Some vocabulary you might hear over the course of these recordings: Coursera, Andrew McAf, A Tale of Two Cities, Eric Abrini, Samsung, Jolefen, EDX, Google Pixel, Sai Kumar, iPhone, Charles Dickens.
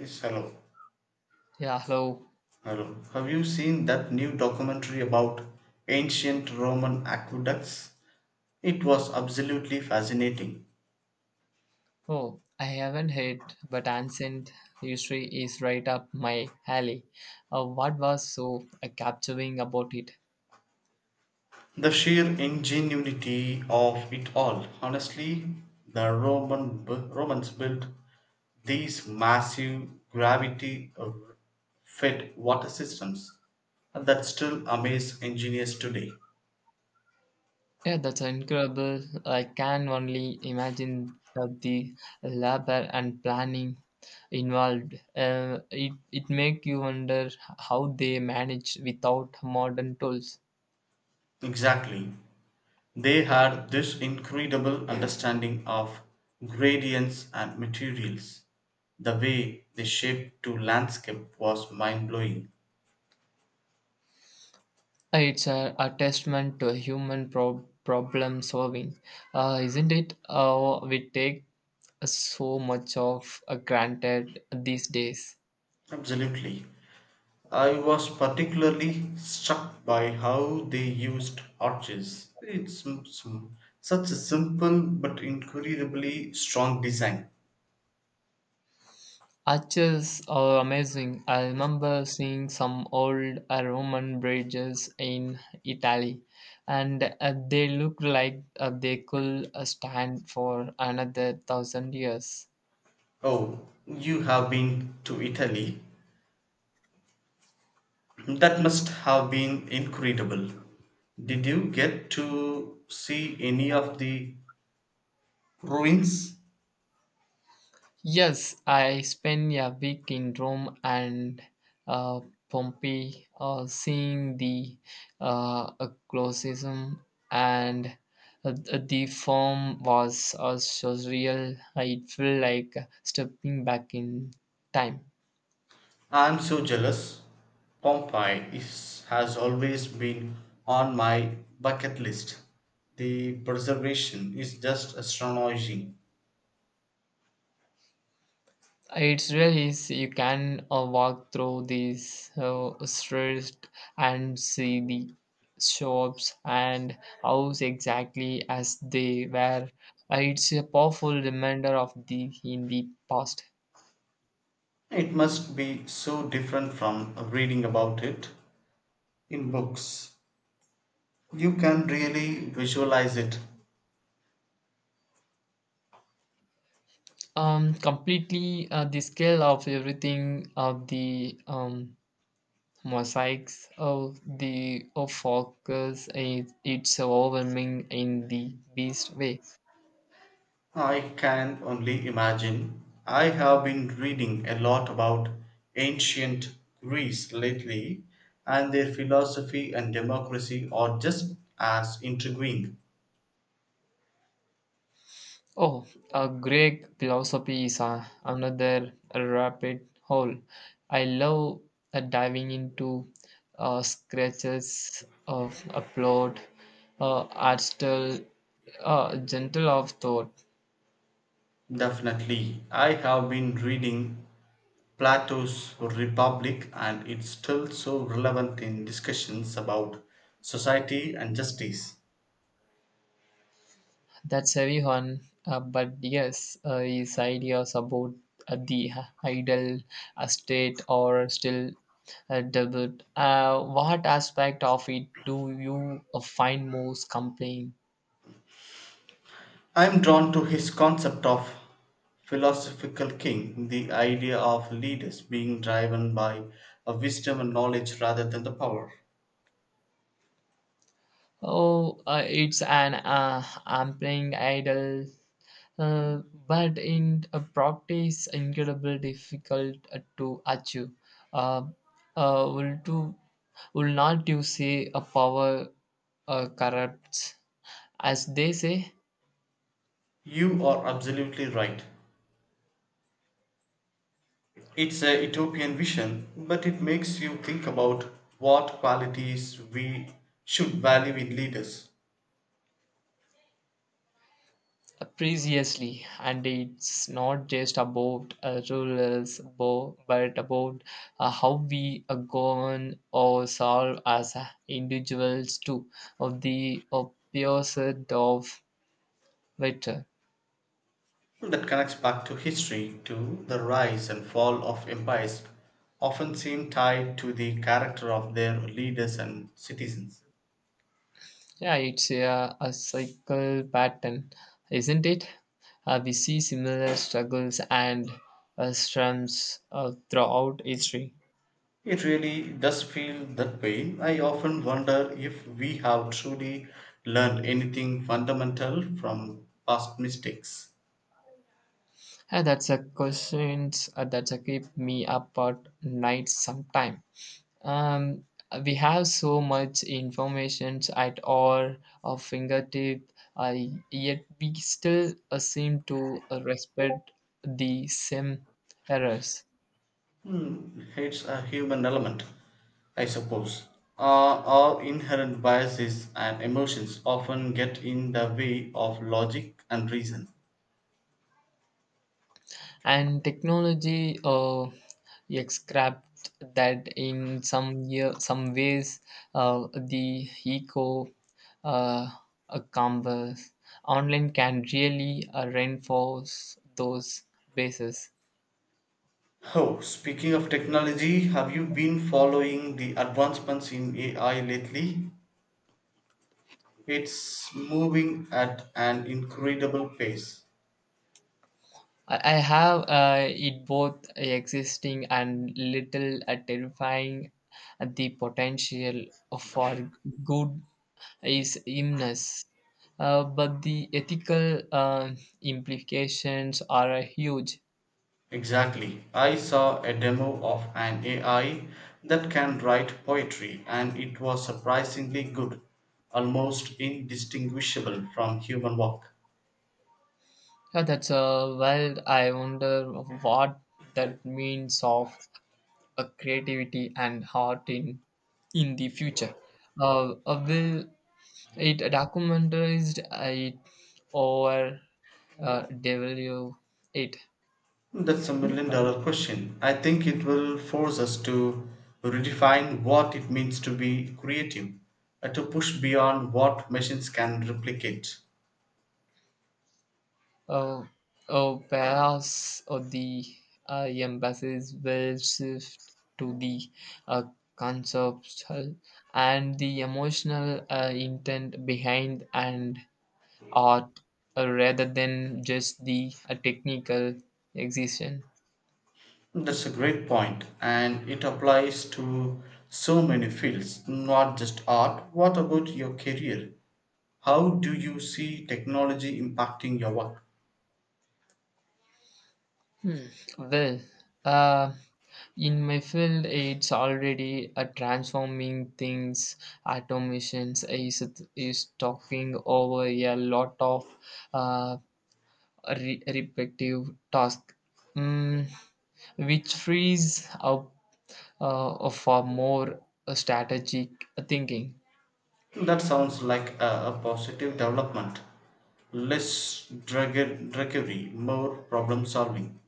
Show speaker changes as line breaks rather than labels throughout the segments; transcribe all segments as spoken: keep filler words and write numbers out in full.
Yes, hello.
Yeah, hello.
Hello. Have you seen that new documentary about ancient Roman aqueducts? It was absolutely fascinating.
Oh, I haven't heard, but ancient history is right up my alley. Uh, what was so uh, captivating about it?
The sheer ingenuity of it all. Honestly, the Roman bu- Romans built these massive gravity uh, fed water systems that still amaze engineers today.
Yeah, that's incredible. I can only imagine uh, the labor and planning involved. Uh, it it make you wonder how they manage without modern tools.
Exactly. They had this incredible understanding of gradients and materials. The way they shaped to landscape was mind blowing.
It's a, a testament to human pro- problem solving, uh, isn't it? Uh, we take so much of uh, granted these days.
Absolutely. I was particularly struck by how they used arches. It's m- s- such a simple but incredibly strong design.
Arches are amazing. I remember seeing some old uh, Roman bridges in Italy, and uh, they look like uh, they could uh, stand for another thousand years.
Oh, you have been to Italy. That must have been incredible. Did you get to see any of the ruins?
Yes, I spent a week in Rome and uh, Pompeii, uh, seeing the uh, eclecticism and uh, the form was uh, surreal. It felt like stepping back in time.
I'm so jealous. Pompeii is, has always been on my bucket list. The preservation is just astonishing.
It's really is you can uh, walk through these uh, streets and see the shops and house exactly as they were. Uh, it's a powerful reminder of the in the past.
It must be so different from reading about it in books. You can really visualize it.
Um, completely uh, the scale of everything of the um, mosaics of the of focus is it's overwhelming in the best way.
I can only imagine. I have been reading a lot about ancient Greece lately, and their philosophy and democracy are just as intriguing.
Oh, uh, Greek philosophy is uh, another rapid hole. I love uh, diving into uh, scratches of a plot, uh, art style, uh, gentle of thought.
Definitely, I have been reading Plato's Republic, and it's still so relevant in discussions about society and justice.
That's heavy one, uh, but yes, uh, his ideas about uh, the ideal uh, state or still uh, debate. Uh, what aspect of it do you uh, find most compelling?
I am drawn to his concept of philosophical king, the idea of leaders being driven by a wisdom and knowledge rather than the power.
Oh, uh, it's an uh, ampling idol, uh, but in uh, practice, incredibly difficult uh, to achieve. Uh, uh, will to will not you say a power uh, corrupts, as they say?
You are absolutely right. It's a utopian vision, but it makes you think about what qualities we should value in leaders.
Previously and it's not just about uh, rules bo- but about uh, how we uh, govern ourselves as uh, individuals too of the opposite of better.
That connects back to history, to the rise and fall of empires, often seem tied to the character of their leaders and citizens.
Yeah, it's a, a cycle pattern isn't it uh, we see similar struggles and uh, strums uh, throughout history.
It really does feel that way. I often wonder if we have truly learned anything fundamental from past mistakes.
And that's a questions uh, that's a keep me up at night sometime. Um, we have so much information at our uh, fingertip, uh, yet we still uh, seem to uh, respect the same errors.
Hmm, it's a human element, I suppose. Uh, our inherent biases and emotions often get in the way of logic and reason.
And technology uh, scrapped that in some year, some ways uh, the eco uh, uh, canvas online can really uh, reinforce those bases.
Oh, speaking of technology, have you been following the advancements in A I lately? It's moving at an incredible pace.
I I have uh, it both existing and little uh, terrifying. The potential for good is immense, uh, but the ethical uh, implications are huge.
Exactly. I saw a demo of an A I that can write poetry, and it was surprisingly good, almost indistinguishable from human work.
Yeah, that's a well. I wonder what that means of uh, creativity and heart in in the future. Uh, uh, will it documentized uh, it or uh, W eight.
That's a million dollar question. I think it will force us to redefine what it means to be creative, uh, to push beyond what machines can replicate.
Uh, oh, perhaps uh, the uh, emphasis will shift to the uh, conceptual and the emotional uh, intent behind an art uh, rather than just the uh, technical execution.
That's a great point, and it applies to so many fields, not just art. What about your career? How do you see technology impacting your work?
Hmm. Well, uh, in my field, it's already a transforming things. Automations is is talking over a lot of uh, re- repetitive tasks, mm, which frees up uh, for more uh, strategic thinking.
That sounds like a, a positive development. Less drug drudgery, more problem solving.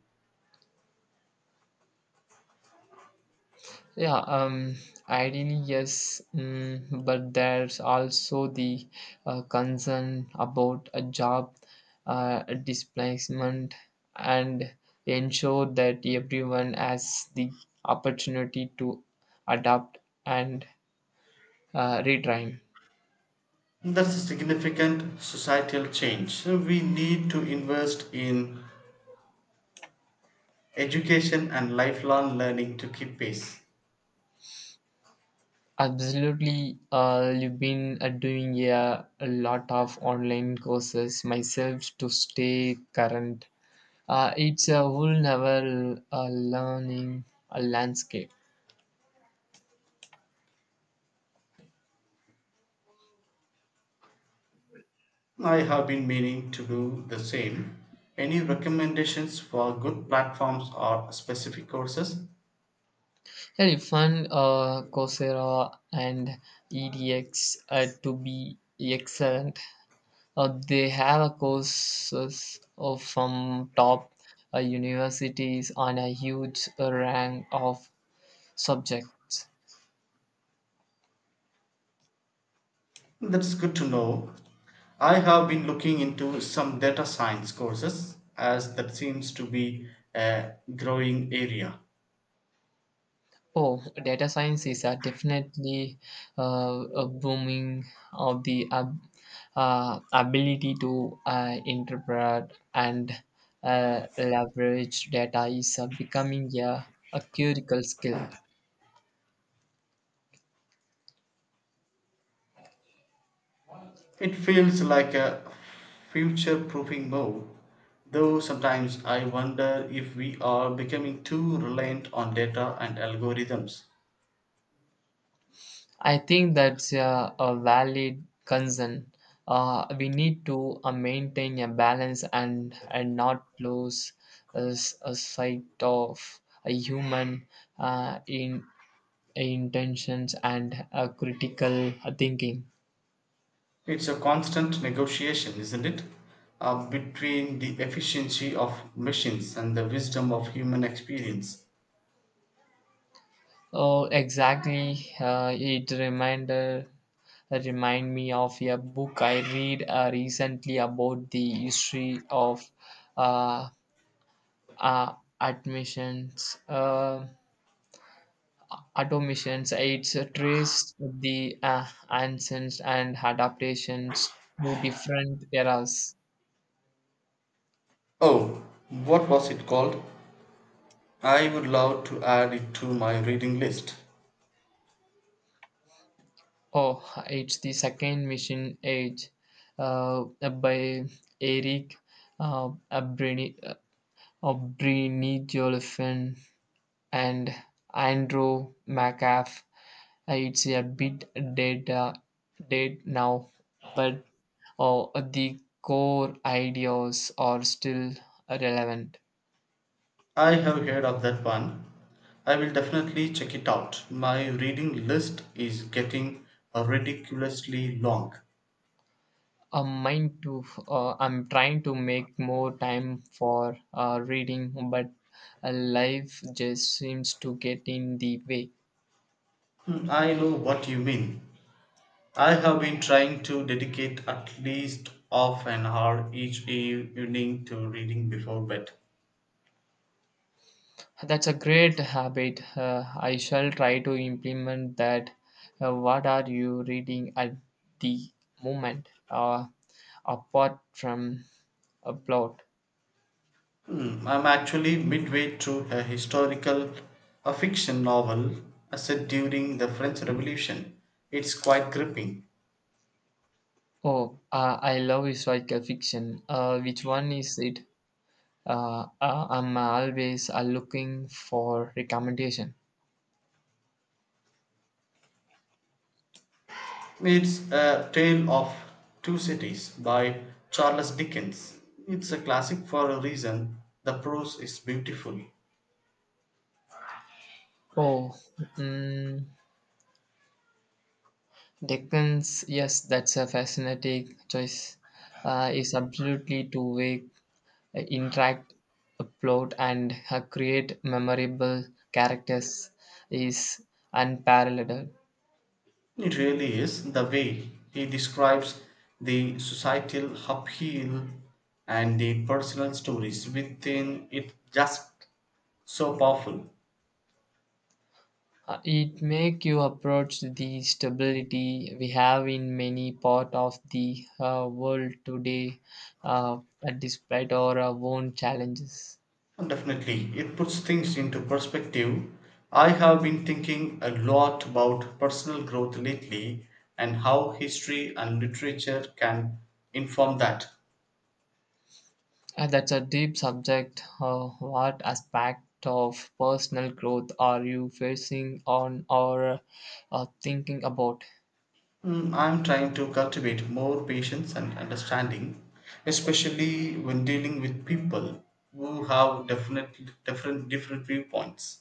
Yeah, um, ideally, yes, mm, but there's also the uh, concern about a job uh, displacement and ensure that everyone has the opportunity to adapt and uh, retrain.
That's a significant societal change. We need to invest in education and lifelong learning to keep pace.
Absolutely, uh, you've been uh, doing a, a lot of online courses myself to stay current. Uh, it's a whole novel uh, learning uh, landscape.
I have been meaning to do the same. Any recommendations for good platforms or specific courses?
Yeah, you find uh, Coursera and E D X uh, to be excellent. Uh, they have a courses of from top uh, universities on a huge uh, range of subjects.
That's good to know. I have been looking into some data science courses as that seems to be a growing area.
Oh, data science is uh, definitely uh, a booming of the ab- uh, ability to uh, interpret and uh, leverage data is uh, becoming a, a critical skill.
It feels like a future proofing move, though sometimes I wonder if we are becoming too reliant on data and algorithms.
I think that's uh, a valid concern. Uh, we need to uh, maintain a balance and, and not lose a, s- a sight of a human uh, in intentions and uh, critical thinking.
It's a constant negotiation, isn't it? Uh, between the efficiency of machines and the wisdom of human experience.
Oh, exactly. Uh, it reminder remind me of a book I read uh, recently about the history of uh, uh, admissions. Uh, automations. It's uh, traced the uh, ancients and adaptations to different eras.
Oh, what was it called? I would love to add it to my reading list.
Oh, it's the second machine age uh, by Eric uh, Abrini, uh, Jolefen and Andrew McAf. Uh, It's a bit dead, uh, dead now, but uh, the core ideas are still relevant.
I have heard of that one. I will definitely check it out. My reading list is getting ridiculously long.
Uh, mine too. Uh, I'm trying to make more time for uh, reading, but uh, life just seems to get in the way.
Hmm, I know what you mean. I have been trying to dedicate at least half an hour each evening to reading before bed.
That's a great habit. Uh, I shall try to implement that. Uh, what are you reading at the moment? Uh, apart from a plot.
Hmm, I'm actually midway through a historical a fiction novel uh, set during the French Revolution. It's quite gripping.
Oh, uh, I love historical fiction. Uh, which one is it? Uh, uh, I'm always uh, looking for recommendation.
It's A Tale of Two Cities by Charles Dickens. It's a classic for a reason. The prose is beautiful.
Oh, mm, Dickens, yes, that's a fascinating choice. Uh, is absolutely to wake, uh, interact, uh, plot, and uh, create memorable characters is unparalleled.
It really is. The way he describes the societal upheaval and the personal stories within it just so powerful.
Uh, it make you approach the stability we have in many part of the uh, world today, uh, despite our uh, own challenges.
Well, definitely, it puts things into perspective. I have been thinking a lot about personal growth lately and how history and literature can inform that.
Uh, that's a deep subject. Uh, what aspect of personal growth are you facing on or uh, thinking about?
Mm, I'm trying to cultivate more patience and understanding, especially when dealing with people who have definite, different different viewpoints.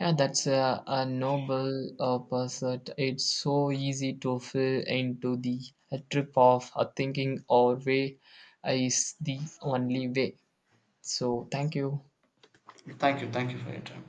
Yeah, that's a, a noble uh, pursuit. It's so easy to fall into the uh, trip of uh, thinking our way is the only way. So, thank you.
Thank you, thank you for your time.